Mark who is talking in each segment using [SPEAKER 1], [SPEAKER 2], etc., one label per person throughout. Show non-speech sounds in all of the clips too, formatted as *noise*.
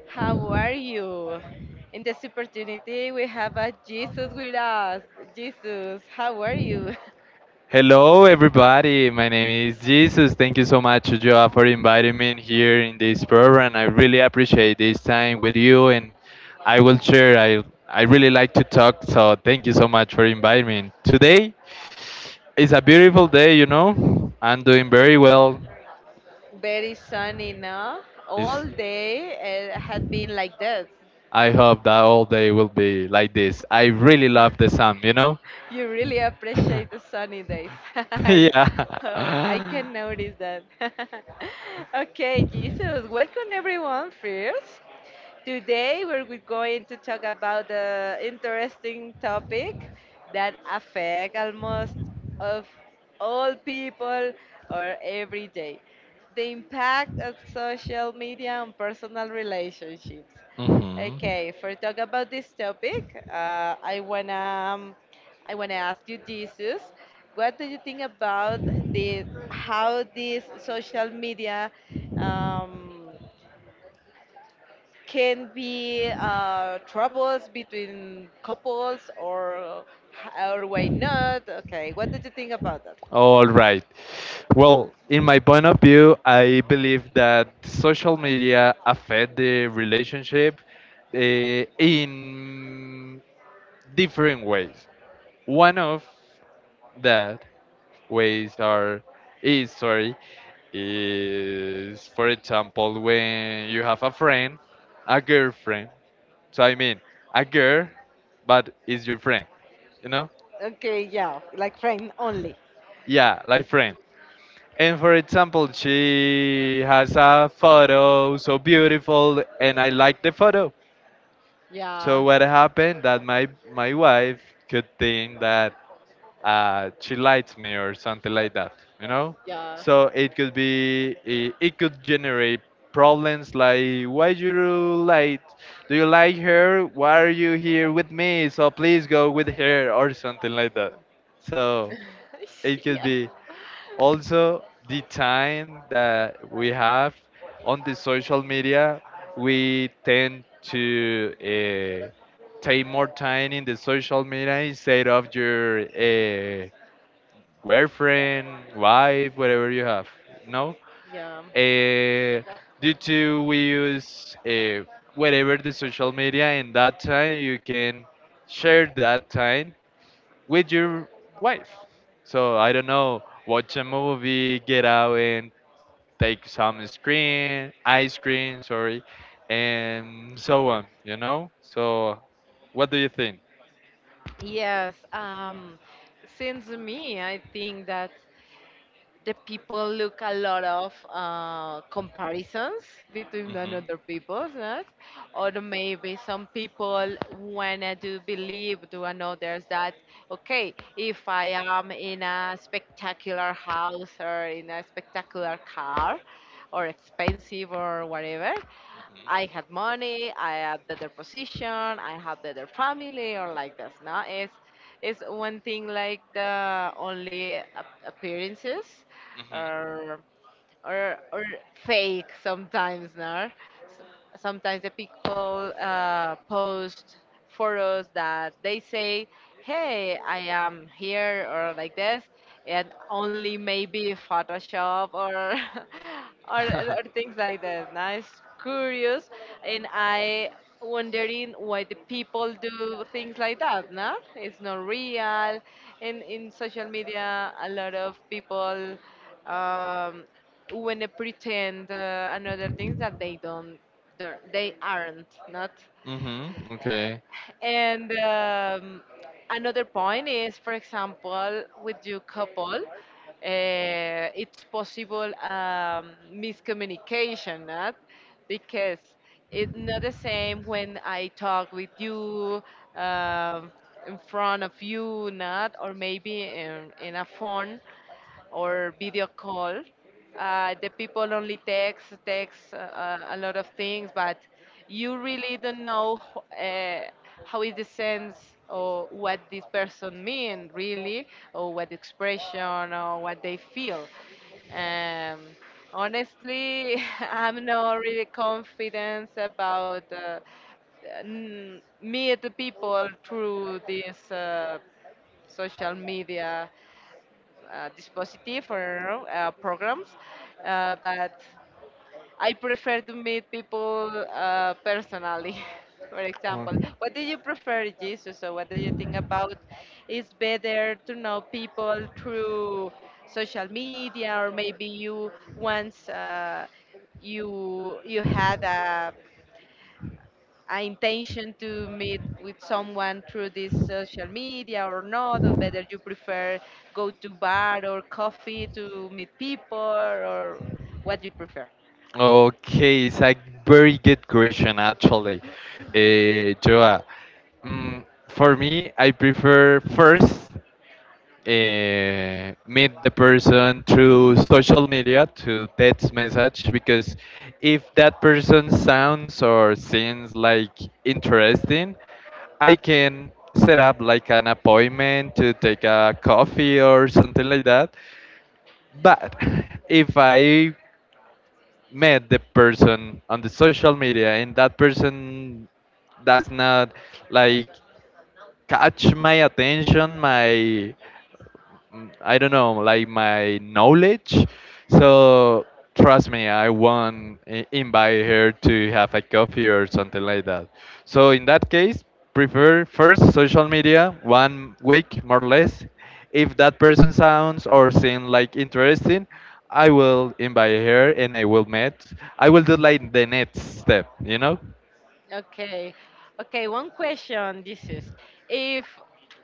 [SPEAKER 1] How are you? In this opportunity, we have a Jesus with us. Jesus, how are you?
[SPEAKER 2] Hello, everybody. My name is Jesus. Thank you so much, Joa, for inviting me in here in this program. I really appreciate this time with you, and I will share. I really like to talk, so thank you so much for inviting me. Today is a beautiful day, you know. I'm doing very well.
[SPEAKER 1] *laughs* Very sunny now.
[SPEAKER 2] It's,
[SPEAKER 1] All day it had been like this.
[SPEAKER 2] I hope that all day will be like this. I really love the sun, you know.
[SPEAKER 1] You really appreciate the sunny days. *laughs*
[SPEAKER 2] *laughs*
[SPEAKER 1] I know. *laughs* I
[SPEAKER 2] Yeah.
[SPEAKER 1] can
[SPEAKER 2] *laughs*
[SPEAKER 1] notice that. *laughs* Okay, Jesus, welcome everyone first. Today we're we going to talk about the interesting topic that affect almost of all people or every day. The impact of social media on personal relationships.
[SPEAKER 2] Hmm.
[SPEAKER 1] Okay, for talk about this topic, I wanna um, ask you, Jesus, what do you think about the how this social media um, can be troubles between couples or why not? Okay, what did you think about that?
[SPEAKER 2] All right. Well, in my point of view, I believe that social media affect the relationship in different ways. One of that ways are is sorry is, for example, when you have a friend, a girlfriend, so I mean a girl but is your friend, you know.
[SPEAKER 1] Okay, yeah, like friend only.
[SPEAKER 2] Yeah, like friend. And for example, she has a photo so beautiful, and I like the photo. So
[SPEAKER 1] Yeah,
[SPEAKER 2] what happened that my wife could think that she likes me or something like that, you know.
[SPEAKER 1] yeah,
[SPEAKER 2] So it could generate problems, like why you like do you like her, why are you here with me, so please go with her or something like that. So it
[SPEAKER 1] *laughs*
[SPEAKER 2] could
[SPEAKER 1] yeah,
[SPEAKER 2] be also the time that we have on the social media. We tend to take more time in the social media instead of your girlfriend, wife, whatever you have. No,
[SPEAKER 1] yeah.
[SPEAKER 2] uh, due to we use whatever the social media in that time, you can share that time with your wife. So I don't know, watch a movie, get out and take some ice cream, and so on. You know. So, what do you think?
[SPEAKER 1] Yes, since me, I think that the people look a lot of comparisons between
[SPEAKER 2] Mhm.
[SPEAKER 1] another people, right? Or maybe some people wanna to believe to others that okay, if I am in a spectacular house or in a spectacular car or expensive or whatever, I had money, I have better position, I have better family, or like this. No, it's one thing like the only appearances,
[SPEAKER 2] Mhm.
[SPEAKER 1] or or or fake sometimes, no? Sometimes the people post photos that they say, hey, I am here or like this, and only maybe photoshop or *laughs* or,
[SPEAKER 2] Mhm.
[SPEAKER 1] or
[SPEAKER 2] *laughs*
[SPEAKER 1] things like that. Now it's curious and I wondering why the people do things like that, no, it's not real. And in social media a lot of people, um, when they pretend and other things that they don't, they aren't not.
[SPEAKER 2] Mm-hmm. Okay.
[SPEAKER 1] And another point is for example with your couple, it's possible miscommunication, not, because it's not the same when I talk with you um in front of you, not, or maybe in a phone or video call. The people only text, a lot of things, but you really don't know uh, how is the sense or what this person mean really, or what expression or what they feel. Um, Honestly, *laughs* I'm not really confident about meet the people through this social media dispositive or programs, but I prefer to meet people personally. *laughs* For
[SPEAKER 2] Oh.
[SPEAKER 1] example, what do you prefer, Jesus? So, what do you think about? It's better to know people through social media, or maybe you once you had a intention to meet with someone through this social media or not, or whether you prefer go to bar or coffee to meet people or what you prefer.
[SPEAKER 2] Okay, it's a very good question actually, Joa. For me, I prefer first, meet the person through social media to text message because if that person sounds or seems like interesting, I can set up like an appointment to take a coffee or something like that. But *laughs* if I met the person on the social media and that person does not like catch my attention, my I don't know, like my knowledge. So trust me, I won't invite her to have a coffee or something like that. So in that case, prefer first social media 1 week more or less. If that person sounds or seems like interesting, I will invite her and I will meet. I will do like the next step, you know.
[SPEAKER 1] Okay. Okay, one question, Jesus. If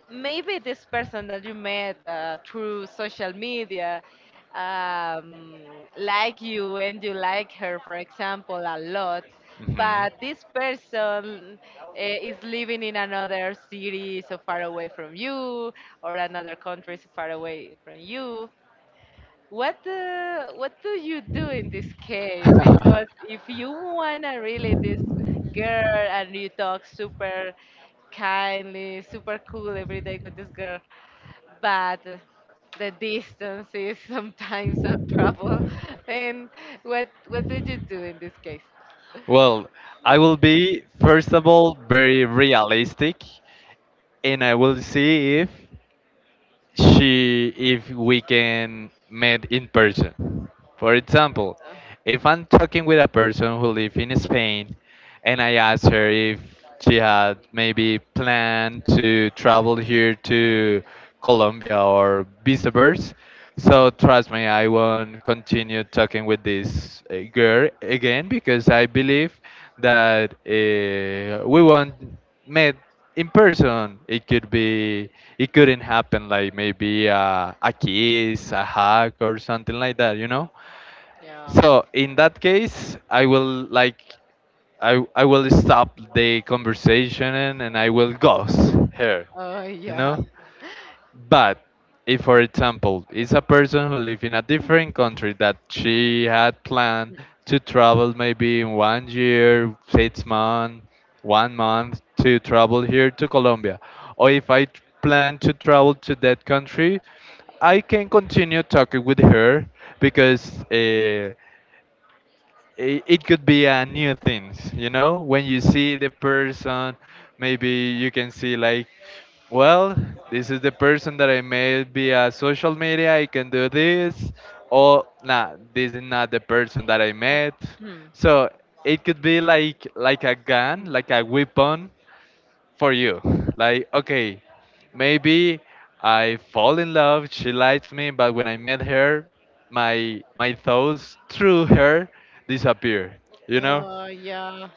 [SPEAKER 1] maybe this person that you met through social media, um, like you and you like her, for example, a lot,
[SPEAKER 2] Mhm.
[SPEAKER 1] but this person is living in another city so far away from you or another country so far away from you. What do you do in this case? Because if
[SPEAKER 2] *laughs*
[SPEAKER 1] you wanna really this girl and you talk super kindly, super cool every day with this girl, but the distance is *laughs* sometimes a trouble. *laughs* And what did you do in this case?
[SPEAKER 2] Well, I will be, first of all, very realistic and I will see if we can meet in person. For example, if I'm talking with a person who lives in Spain and I ask her if she had maybe planned to travel here to Colombia or vice versa, so trust me, I won't continue talking with this girl again because I believe that we won't meet in person. It couldn't happen, like maybe a kiss, a hug, or something like that, you know.
[SPEAKER 1] Yeah.
[SPEAKER 2] So in that case, I will stop the conversation, and I will ghost her,
[SPEAKER 1] Oh,
[SPEAKER 2] you
[SPEAKER 1] yeah.
[SPEAKER 2] know. But if, for example, is a person who lives in a different country that she had planned to travel maybe in 1 year, 6 months, 1 month to travel here to Colombia, or if I plan to travel to that country, I can continue talking with her because it could be a new things, you know, when you see the person. Maybe you can see like, well, this is the person that I made via social media, I can do this, or nah, this is not the person that I met.
[SPEAKER 1] Hmm.
[SPEAKER 2] So it could be like a gun,
[SPEAKER 1] Hmm.
[SPEAKER 2] like a weapon for you? Like, okay, maybe I fall in love, she likes me, but when I met her, my thoughts through her disappear. You know,
[SPEAKER 1] Oh, yeah.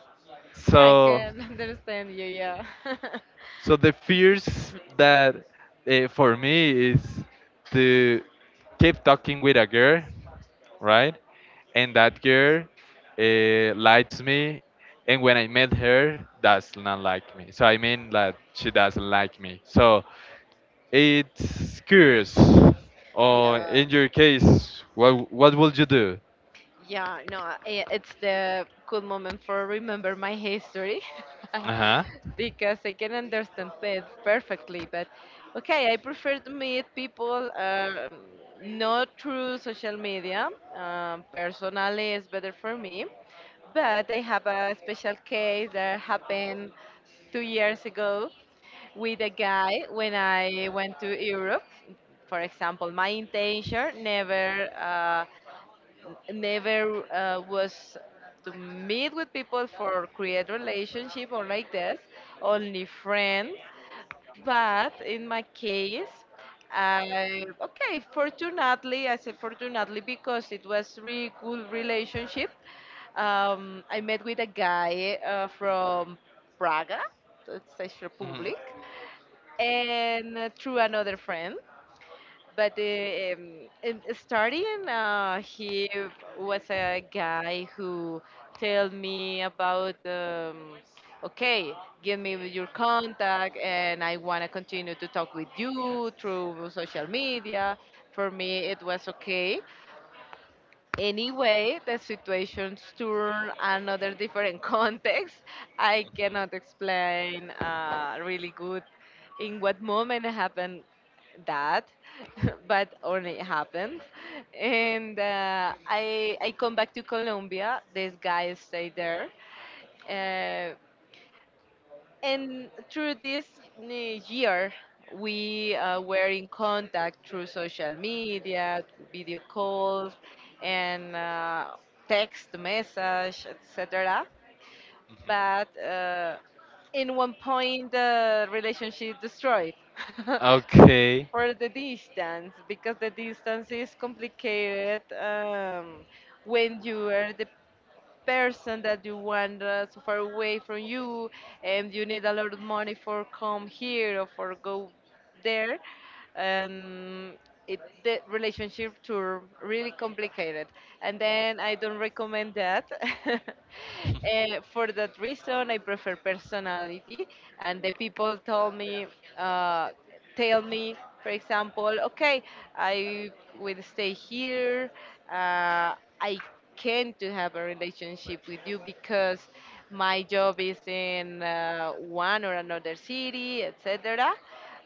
[SPEAKER 1] Yeah, I
[SPEAKER 2] so
[SPEAKER 1] can *laughs* understand you. Yeah. *laughs*
[SPEAKER 2] the fears that for me is to keep talking with a girl, right? And that girl likes me, and when I met her, does not like me. So I mean that she doesn't like me. So, it's curious. Or
[SPEAKER 1] Yeah.
[SPEAKER 2] in your case, what would you do?
[SPEAKER 1] Yeah, no, it's the good moment for remember my history.
[SPEAKER 2] Uh huh.
[SPEAKER 1] *laughs* Because I can understand it perfectly. But okay, I prefer to meet people not through social media. Personally, it's better for me. But I have a special case that happened 2 years ago with a guy when I went to Europe. For example, my intention never. Never was to meet with people for create relationship or like this, only friends, but in my case okay, fortunately I said fortunately because it was really cool relationship. I met with a guy from Praga, Czech
[SPEAKER 2] Hmm.
[SPEAKER 1] Republic, and through another friend. But starting, he was a guy who told me about, okay, give me your contact, and I want to continue to talk with you through social media. For me, it was okay. Anyway, the situations turn another different *laughs* context. I cannot explain really good in what moment happened that, *laughs* but only happened. And I come back to Colombia. This guy stayed there. Uh, and through this year, we were in contact through social media, video calls, and text message, etc.
[SPEAKER 2] Mhm.
[SPEAKER 1] But in one point, the relationship destroyed *laughs*
[SPEAKER 2] Okay.
[SPEAKER 1] for the distance, because the distance is complicated, when you are the person that you want so far away from you and you need a lot of money for come here or for go there, um, the relationship tour really complicated. And then I don't recommend that. *laughs* And for that reason, I prefer personality. And the people told me, uh, tell me, for example, okay, I will stay here. Uh, I can to have a relationship with you because my job is in one or another city, etc.,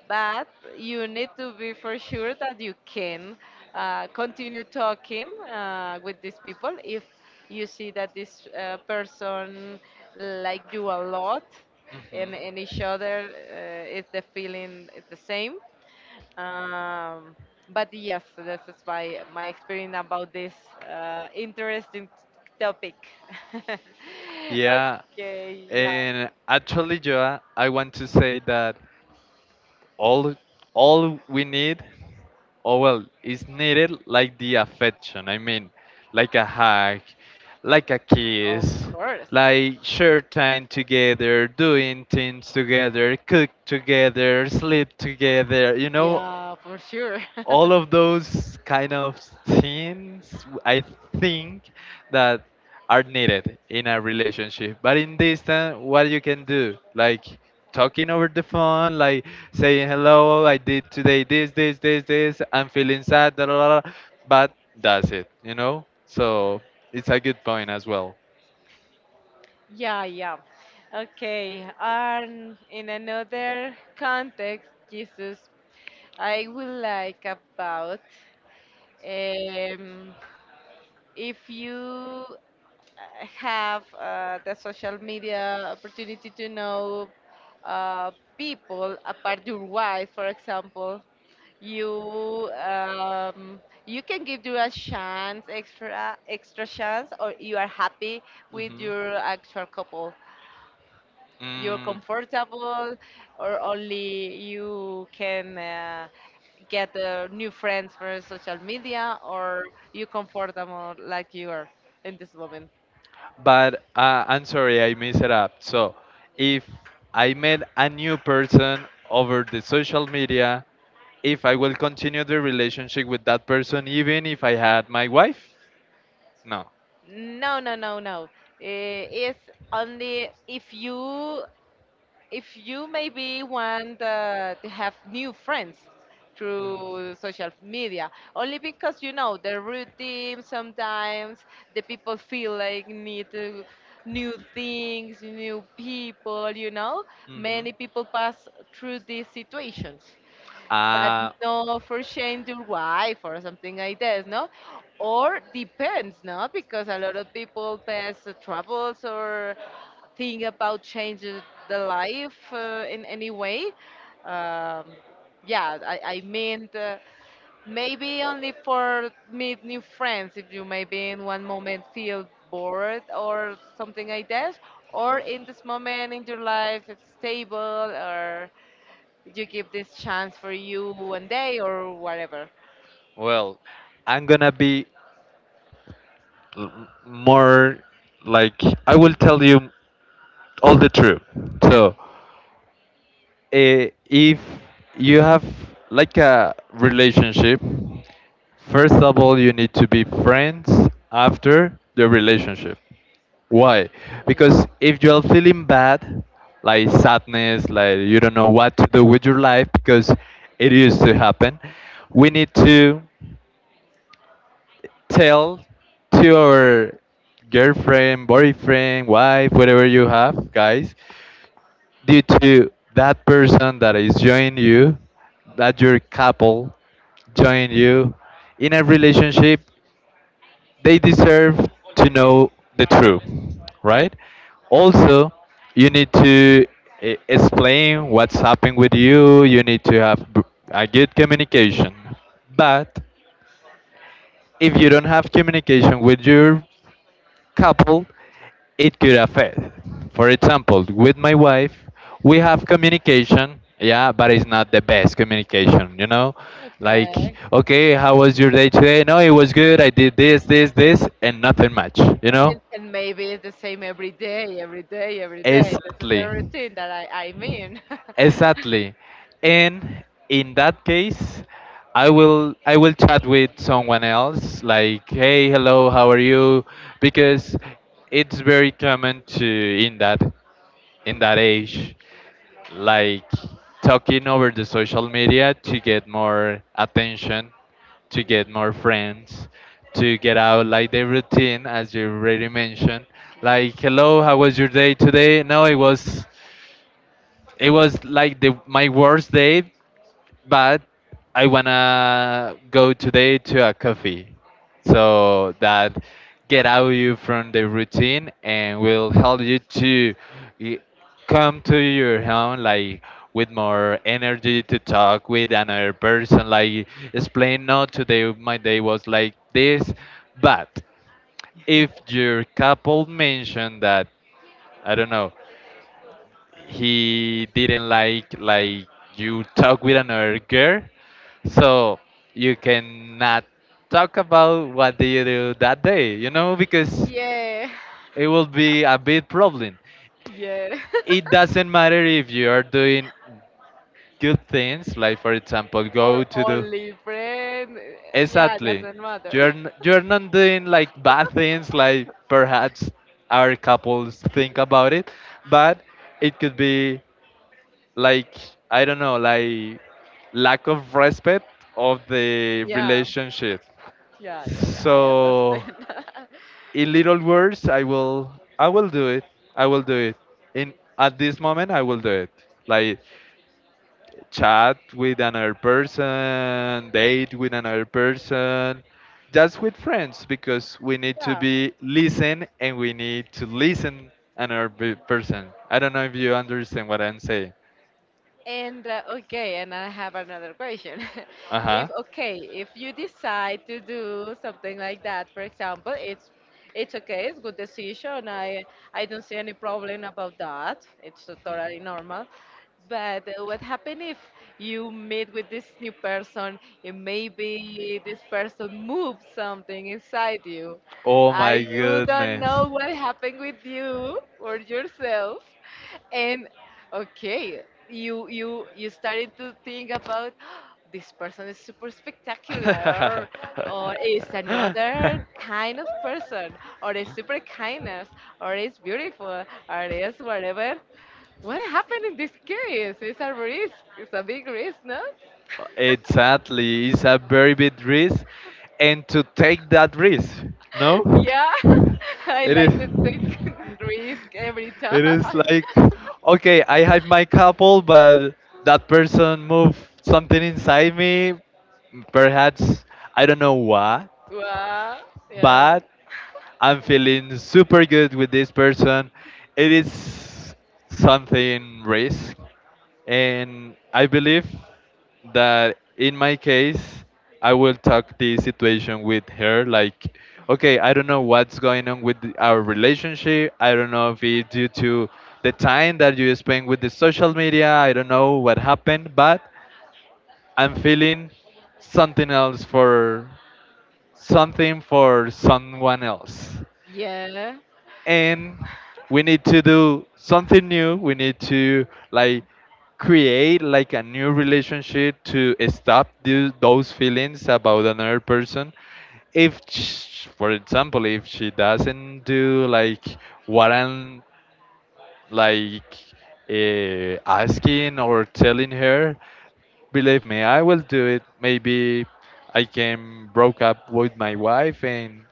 [SPEAKER 1] but you need to be for sure that you can continue talking with these people if you see that this person like you a lot,
[SPEAKER 2] Mhm.
[SPEAKER 1] and, each other is the feeling is the same, um, but yes, this is my experience about this interesting topic. *laughs*
[SPEAKER 2] Yeah,
[SPEAKER 1] Okay, yeah,
[SPEAKER 2] and actually, Joa, I want to say that all all we need, oh well, is needed like the affection. I mean, like a hug, like a
[SPEAKER 1] of
[SPEAKER 2] kiss,
[SPEAKER 1] course.
[SPEAKER 2] like share time together, doing things together, cook together, sleep together. You know,
[SPEAKER 1] Yeah, for sure. *laughs*
[SPEAKER 2] all of those kind of things I think that are needed in a relationship. But in this time, what you can do, like talking over the phone, like saying hello, I did today this, this, this, this. I'm feeling sad, da, da, da, da," but that's it, you know. So it's a good point as well.
[SPEAKER 1] Yeah, yeah. Okay. And in another context, Jesus, I would like about, um, if you have the social media opportunity to know uh, people apart your wife, for example. You um, you can give you a chance, extra extra chance, or you are happy with
[SPEAKER 2] Hmm.
[SPEAKER 1] your actual couple. You're
[SPEAKER 2] Mm.
[SPEAKER 1] comfortable, or only you can get new friends for social media, or you comfortable like you are in this moment.
[SPEAKER 2] But I'm sorry, I messed it up. So, if I met a new person over the social media, if I will continue the relationship with that person, even if I had my wife? No.
[SPEAKER 1] No, no, no, no. It's only if you maybe want to have new friends through social media. Only because you know the routine sometimes the people feel like need to new things, new people.
[SPEAKER 2] Mm-hmm.
[SPEAKER 1] Many people pass through these situations, but
[SPEAKER 2] Uh,
[SPEAKER 1] no for shame your wife or something like this, no? Or depends, no? Because a lot of people pass the troubles or think about changing the life in any way. Um, yeah, I mean, maybe only for meet new friends if you maybe in one moment feel bored or something like that, or in this moment in your life it's stable or you give this chance for you one day or whatever.
[SPEAKER 2] well, I'm gonna be more, like I will tell you all the truth. So, if you have like a relationship, first of all, you need to be friends after the relationship. Why?
[SPEAKER 1] Yeah.
[SPEAKER 2] Because if you're feeling bad, like sadness, like you don't know what to do with your life because it used to happen, we need to tell to our girlfriend, boyfriend, wife, whatever you have, guys, due to that person that is joining you, that your couple join you in a relationship, they deserve to know the truth, right? Also, you need to explain what's happening with you, you need to have a good communication. But if you don't have communication with your couple, it could affect. For example, with my wife, we have communication, yeah, but it's not the best communication, you know? Like,
[SPEAKER 1] Okay.
[SPEAKER 2] okay, how was your day today? No, it was good. I did this, this, this, and nothing much, you know?
[SPEAKER 1] And maybe it's the same every day, every day, every day. This is
[SPEAKER 2] Exactly.
[SPEAKER 1] the routine that I mean. *laughs*
[SPEAKER 2] Exactly. And in that case, I will chat with someone else like hey, hello, how are you, because it's very common to in that age, like talking over the social media to get more attention, to get more friends, to get out like the routine as you already mentioned. Like, hello, how was your day today? No, it was like the my worst day, but I wanna go today to a coffee, so that get out you from the routine and will help you to y- come to your home like with more energy to talk with another person, like explain no today my day was like this, but if your couple mentioned that I don't know he didn't like you talk with another girl, so you cannot talk about what do you do that day, you know, because
[SPEAKER 1] Yeah.
[SPEAKER 2] it will be a big problem.
[SPEAKER 1] Yeah, *laughs*
[SPEAKER 2] It
[SPEAKER 1] yeah.
[SPEAKER 2] doesn't matter if you are doing good things like for example go
[SPEAKER 1] Or
[SPEAKER 2] to do.
[SPEAKER 1] only friend. Yeah,
[SPEAKER 2] Exactly.
[SPEAKER 1] doesn't matter.
[SPEAKER 2] You're not doing like bad things like perhaps our couples think about it, but it could be like I don't know, like lack of respect of the
[SPEAKER 1] Yeah,
[SPEAKER 2] relationship.
[SPEAKER 1] yeah, yeah, yeah. I
[SPEAKER 2] So
[SPEAKER 1] understand.
[SPEAKER 2] in little words, I will do it. I will do it. In At this moment, I will do it. Like chat with another person, date with another person, just with friends because we
[SPEAKER 1] *laughs*
[SPEAKER 2] need to
[SPEAKER 1] Yeah.
[SPEAKER 2] be listen and we need to listen another person. I don't know if you understand what I'm saying.
[SPEAKER 1] And okay, and I have another question.
[SPEAKER 2] Uh
[SPEAKER 1] *laughs* If
[SPEAKER 2] huh.
[SPEAKER 1] okay, if you decide to do something like that, for example, it's okay, it's good decision. I don't see any problem about that. It's totally normal. But what happens if you meet with this new person and maybe this person moves something inside you?
[SPEAKER 2] Oh
[SPEAKER 1] And
[SPEAKER 2] my
[SPEAKER 1] you don't
[SPEAKER 2] goodness.
[SPEAKER 1] know what happened with you or yourself. And okay, you started to think about *gasps* this person is super spectacular, or is another kind of person
[SPEAKER 2] *laughs*
[SPEAKER 1] or is super kindness or is beautiful or is whatever. What happened in this case? It's a risk. It's a big risk, no?
[SPEAKER 2] Exactly. It's a very big risk. And to take that risk,
[SPEAKER 1] *laughs*
[SPEAKER 2] no?
[SPEAKER 1] Yeah, *laughs* I
[SPEAKER 2] It is.
[SPEAKER 1] like to take *laughs* risk every time.
[SPEAKER 2] It
[SPEAKER 1] *laughs*
[SPEAKER 2] is like, okay, I have my couple, but that person moved something inside me. Perhaps I don't know what.
[SPEAKER 1] Wow. Yeah.
[SPEAKER 2] But I'm feeling super good with this person. It is something risk, and I believe that in my case, I will talk this situation with her like, okay, I don't know what's going on with our relationship. I don't know if it's due to the time that you spend with the social media. I don't know what happened, but I'm feeling something else for something for someone else.
[SPEAKER 1] Yeah.
[SPEAKER 2] And we need to do something new. We need to like create like a new relationship to stop those feelings about another person. If sh for example if she doesn't do like what I'm like asking or telling her, believe me, I will do it. Maybe I can broke up with my wife and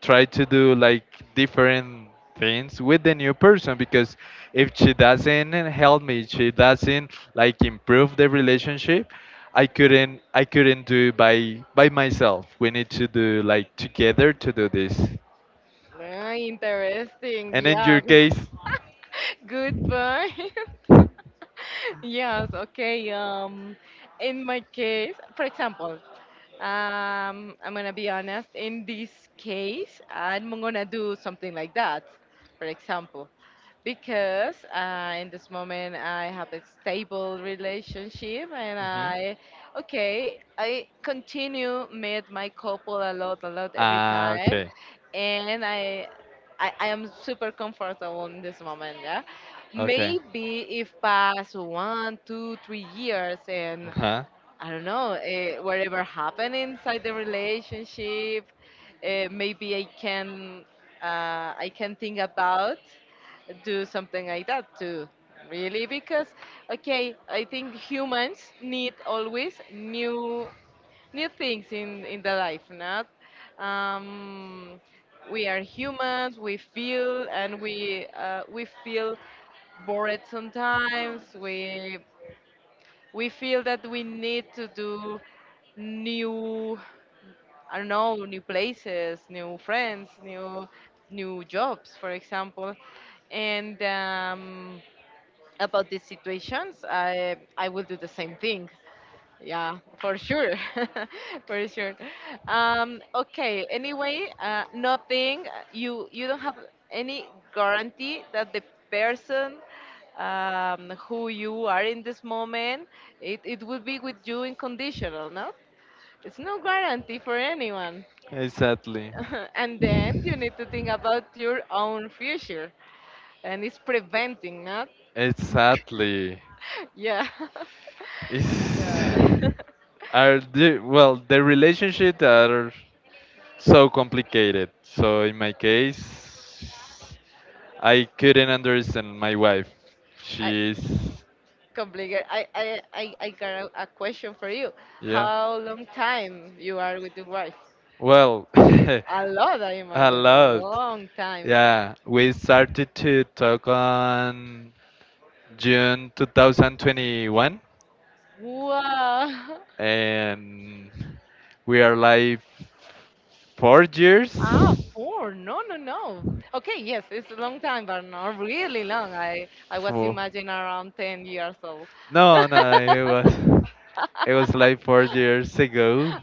[SPEAKER 2] try to do like different things with the new person because if she doesn't help me, she doesn't like improve the relationship, I couldn't do it by myself. We need to do like together to do this.
[SPEAKER 1] Ah, interesting.
[SPEAKER 2] And in your
[SPEAKER 1] Yeah.
[SPEAKER 2] case?
[SPEAKER 1] *laughs* Good point. *laughs* Yes, okay. In my case, for example, I'm gonna be honest. In this case, I'm gonna do something like that. For example, because in this moment I have a stable relationship, and
[SPEAKER 2] Hmm.
[SPEAKER 1] I continue meet my couple a lot every
[SPEAKER 2] Ah,
[SPEAKER 1] time,
[SPEAKER 2] okay.
[SPEAKER 1] and I am super comfortable in this moment, yeah.
[SPEAKER 2] Okay.
[SPEAKER 1] Maybe if pass 1, 2, 3 years and
[SPEAKER 2] Huh.
[SPEAKER 1] I don't know, whatever happened inside the relationship, maybe I can think about do something like that too. Really, because okay, I think humans need always new things in the life, not. Um, we are humans. We feel and we feel bored sometimes. We feel that we need to do new, I don't know, new places, new friends, new jobs for example, and about these situations I will do the same thing, yeah, for sure. *laughs* For sure. Okay, anyway, nothing, you don't have any guarantee that the person, who you are in this moment, it will be with you unconditional, conditional, no? It's no guarantee for anyone.
[SPEAKER 2] Exactly.
[SPEAKER 1] *laughs* And then you need to think about your own future, and it's preventing, not?
[SPEAKER 2] Exactly.
[SPEAKER 1] *laughs* Yeah. *laughs* Yeah.
[SPEAKER 2] It's
[SPEAKER 1] *laughs*
[SPEAKER 2] are the well the relationship are so complicated. So in my case, I couldn't understand my wife.
[SPEAKER 1] I,
[SPEAKER 2] She's
[SPEAKER 1] Complicated. I got a question for you.
[SPEAKER 2] Yeah.
[SPEAKER 1] How long time you are with your wife?
[SPEAKER 2] Well, *laughs*
[SPEAKER 1] A lot, I
[SPEAKER 2] a
[SPEAKER 1] imagine. A
[SPEAKER 2] lot.
[SPEAKER 1] long time.
[SPEAKER 2] Yeah, we started to talk on June 2021,
[SPEAKER 1] Wow. *laughs*
[SPEAKER 2] and we are like 4 years.
[SPEAKER 1] Ah, four. No, no, no. Okay, yes, it's a long time, but not really long. I was
[SPEAKER 2] Four.
[SPEAKER 1] imagining around 10 years old.
[SPEAKER 2] No, no, it was like 4 years ago,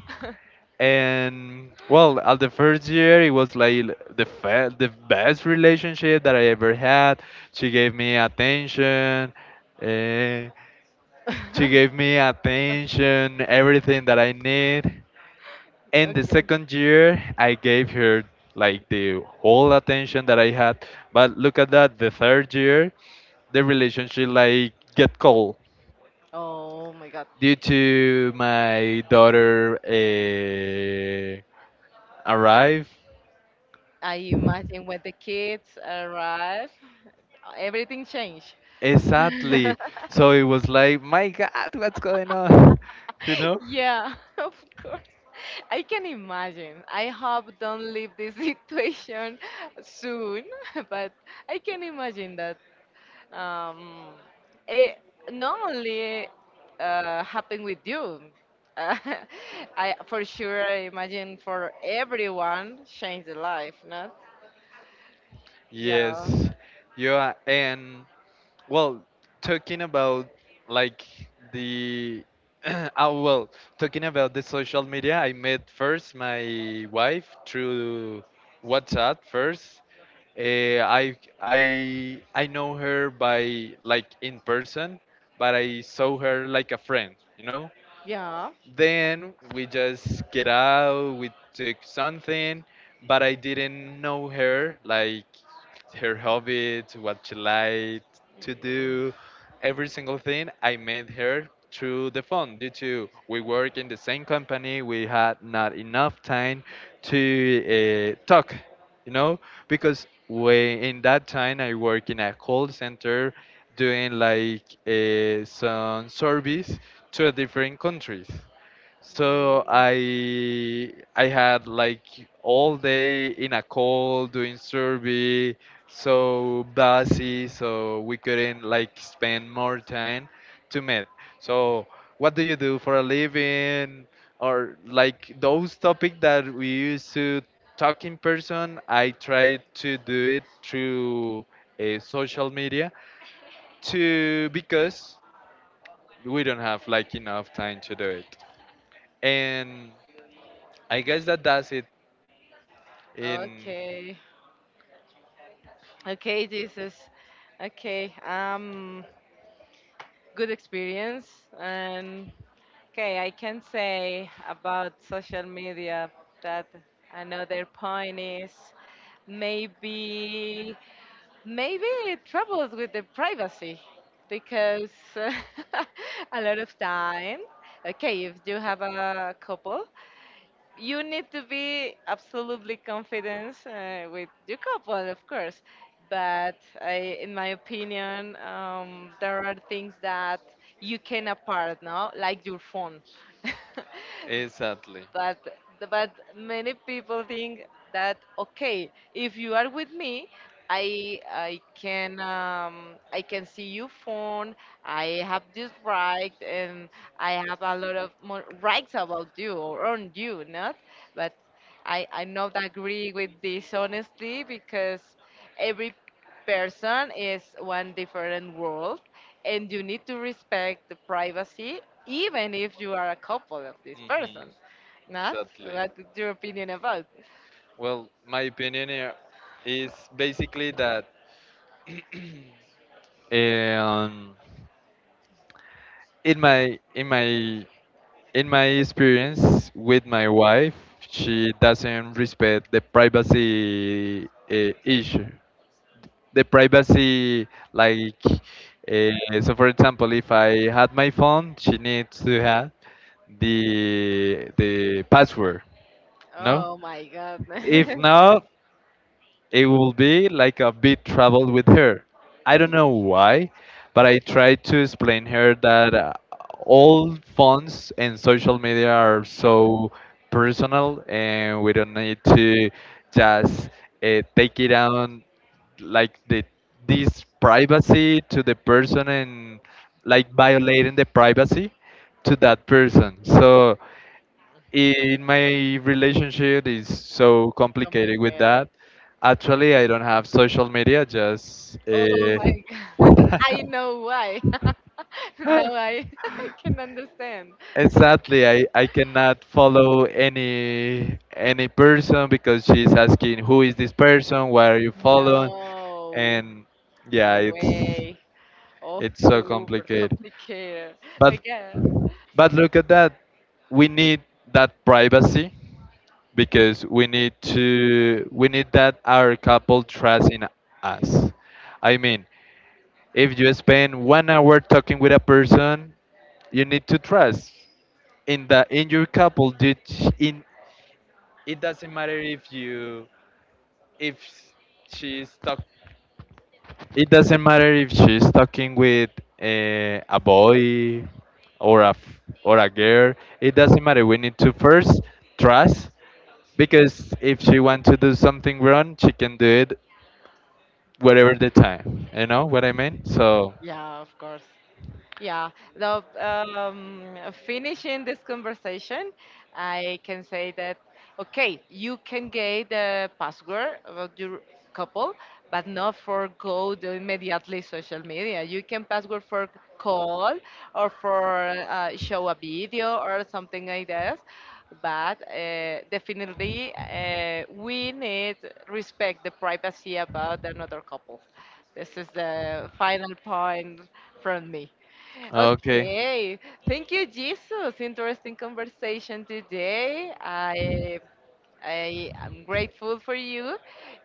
[SPEAKER 2] and well, at the first year, it was like the best relationship that I ever had. She gave me attention, eh, she gave
[SPEAKER 1] *laughs*
[SPEAKER 2] me attention, everything that I need. And the
[SPEAKER 1] Okay.
[SPEAKER 2] second year, I gave her like the whole attention that I had. But look at that, the third year, the relationship like get cold
[SPEAKER 1] Oh my God.
[SPEAKER 2] due to my daughter arrive
[SPEAKER 1] I imagine when the kids arrive, everything changed. *laughs*
[SPEAKER 2] exactly, so it was like, my god, what's going on? *laughs* you know
[SPEAKER 1] Yeah, *laughs* of course. I can imagine. I hope don't leave this situation *laughs* soon, *laughs* but I can imagine that um, it not only happened with you. Uh, *laughs* I for sure I imagine for everyone change the life, not? Yeah,
[SPEAKER 2] yes, yeah, and well, talking about like the *clears throat* oh well, talking about the social media, I met first my wife through WhatsApp first. Uh, I I know her by like in person, but I saw her like a friend, you know.
[SPEAKER 1] yeah.
[SPEAKER 2] Then we just get out, we took something, but I didn't know her, like her hobbies, what she liked to
[SPEAKER 1] Mm.
[SPEAKER 2] do, every single thing. I met her through the phone due to we work in the same company, we had not enough time to talk, you know, because we in that time I work in a call center doing like some service to different countries. So I had like all day in a call doing survey, so busy, so we couldn't like spend more time to meet. So, what do you do for a living? Or like those topics that we used to talk in person, I tried to do it through social media to because we don't have like enough time to do it, and I guess that does it
[SPEAKER 1] Mm.
[SPEAKER 2] in.
[SPEAKER 1] Okay. Okay, Jesus. Okay. Good experience. And okay, I can say about social media that another point is maybe maybe it troubles with the privacy because *laughs* a lot of time. Okay, if you have a couple you need to be absolutely confident with your couple, of course. But I, in my opinion, there are things that you can apart, no? Like your phone. *laughs*
[SPEAKER 2] Exactly.
[SPEAKER 1] but but many people think that okay if you are with me, I can see your phone, I have this right, and I have a lot of more rights about you or on you, not. But I not agree with this, honestly, because every person is one different world, and you need to respect the privacy even if you are a couple of this
[SPEAKER 2] Hmm.
[SPEAKER 1] person, not?
[SPEAKER 2] Exactly.
[SPEAKER 1] What's your opinion about?
[SPEAKER 2] Well, my opinion here is basically that, um, in my in my experience with my wife, she doesn't respect the privacy issue. The privacy, like, so for example, if I had my phone, she needs to have the password. No?
[SPEAKER 1] Oh my god.
[SPEAKER 2] If not,
[SPEAKER 1] *laughs*
[SPEAKER 2] it will be like a bit trouble with her. I don't know why, but I tried to explain her that all phones and social media are so personal, and we don't need to just take it on like the this privacy to the person and like violating the privacy to that person. So in my relationship is so complicated with
[SPEAKER 1] Complicated.
[SPEAKER 2] that. Actually, I don't have social media. Just
[SPEAKER 1] Oh my god. *laughs* I know why. *laughs* Now I
[SPEAKER 2] *laughs*
[SPEAKER 1] *laughs* can understand.
[SPEAKER 2] exactly, I cannot follow any person because she's asking who is this person, why are you following,
[SPEAKER 1] No.
[SPEAKER 2] and yeah,
[SPEAKER 1] No way. Oh,
[SPEAKER 2] it's so
[SPEAKER 1] super
[SPEAKER 2] complicated.
[SPEAKER 1] complicated.
[SPEAKER 2] But
[SPEAKER 1] Again.
[SPEAKER 2] but look at that, we need that privacy because we need that our couple trust in us. I mean, if you spend 1 hour talking with a person, you need to trust in the in your couple. Did sh- in It doesn't matter if you if she's talk it doesn't matter if she's talking with a boy or a girl. It doesn't matter. We need to first trust because if she wants to do something wrong, she can do it whatever the time. You know what I mean? So,
[SPEAKER 1] Yeah, of course. Yeah, the finishing this conversation, I can say that okay, you can get the password of your couple, but not for go to immediately social media. You can password for call or for show a video or something like that. But definitely, we need respect the privacy about another couple. This is the final point from me.
[SPEAKER 2] okay.
[SPEAKER 1] Okay. Thank you, Jesus. Interesting conversation today. I am grateful for you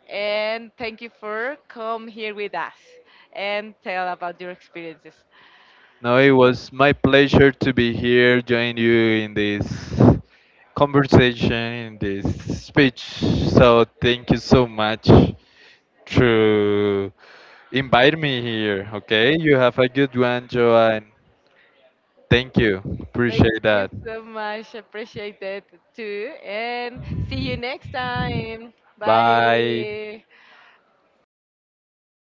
[SPEAKER 1] and thank you for come here with us and tell about your experiences.
[SPEAKER 2] No, it was my pleasure to be here, join you in this conversation, in this speech. So thank you so much to invite me here. Okay, you have a good one, Joanne. Thank you.
[SPEAKER 1] Thank
[SPEAKER 2] Appreciate
[SPEAKER 1] you
[SPEAKER 2] that.
[SPEAKER 1] so much. Appreciate that too. And see you next time.
[SPEAKER 2] Bye.
[SPEAKER 1] Bye.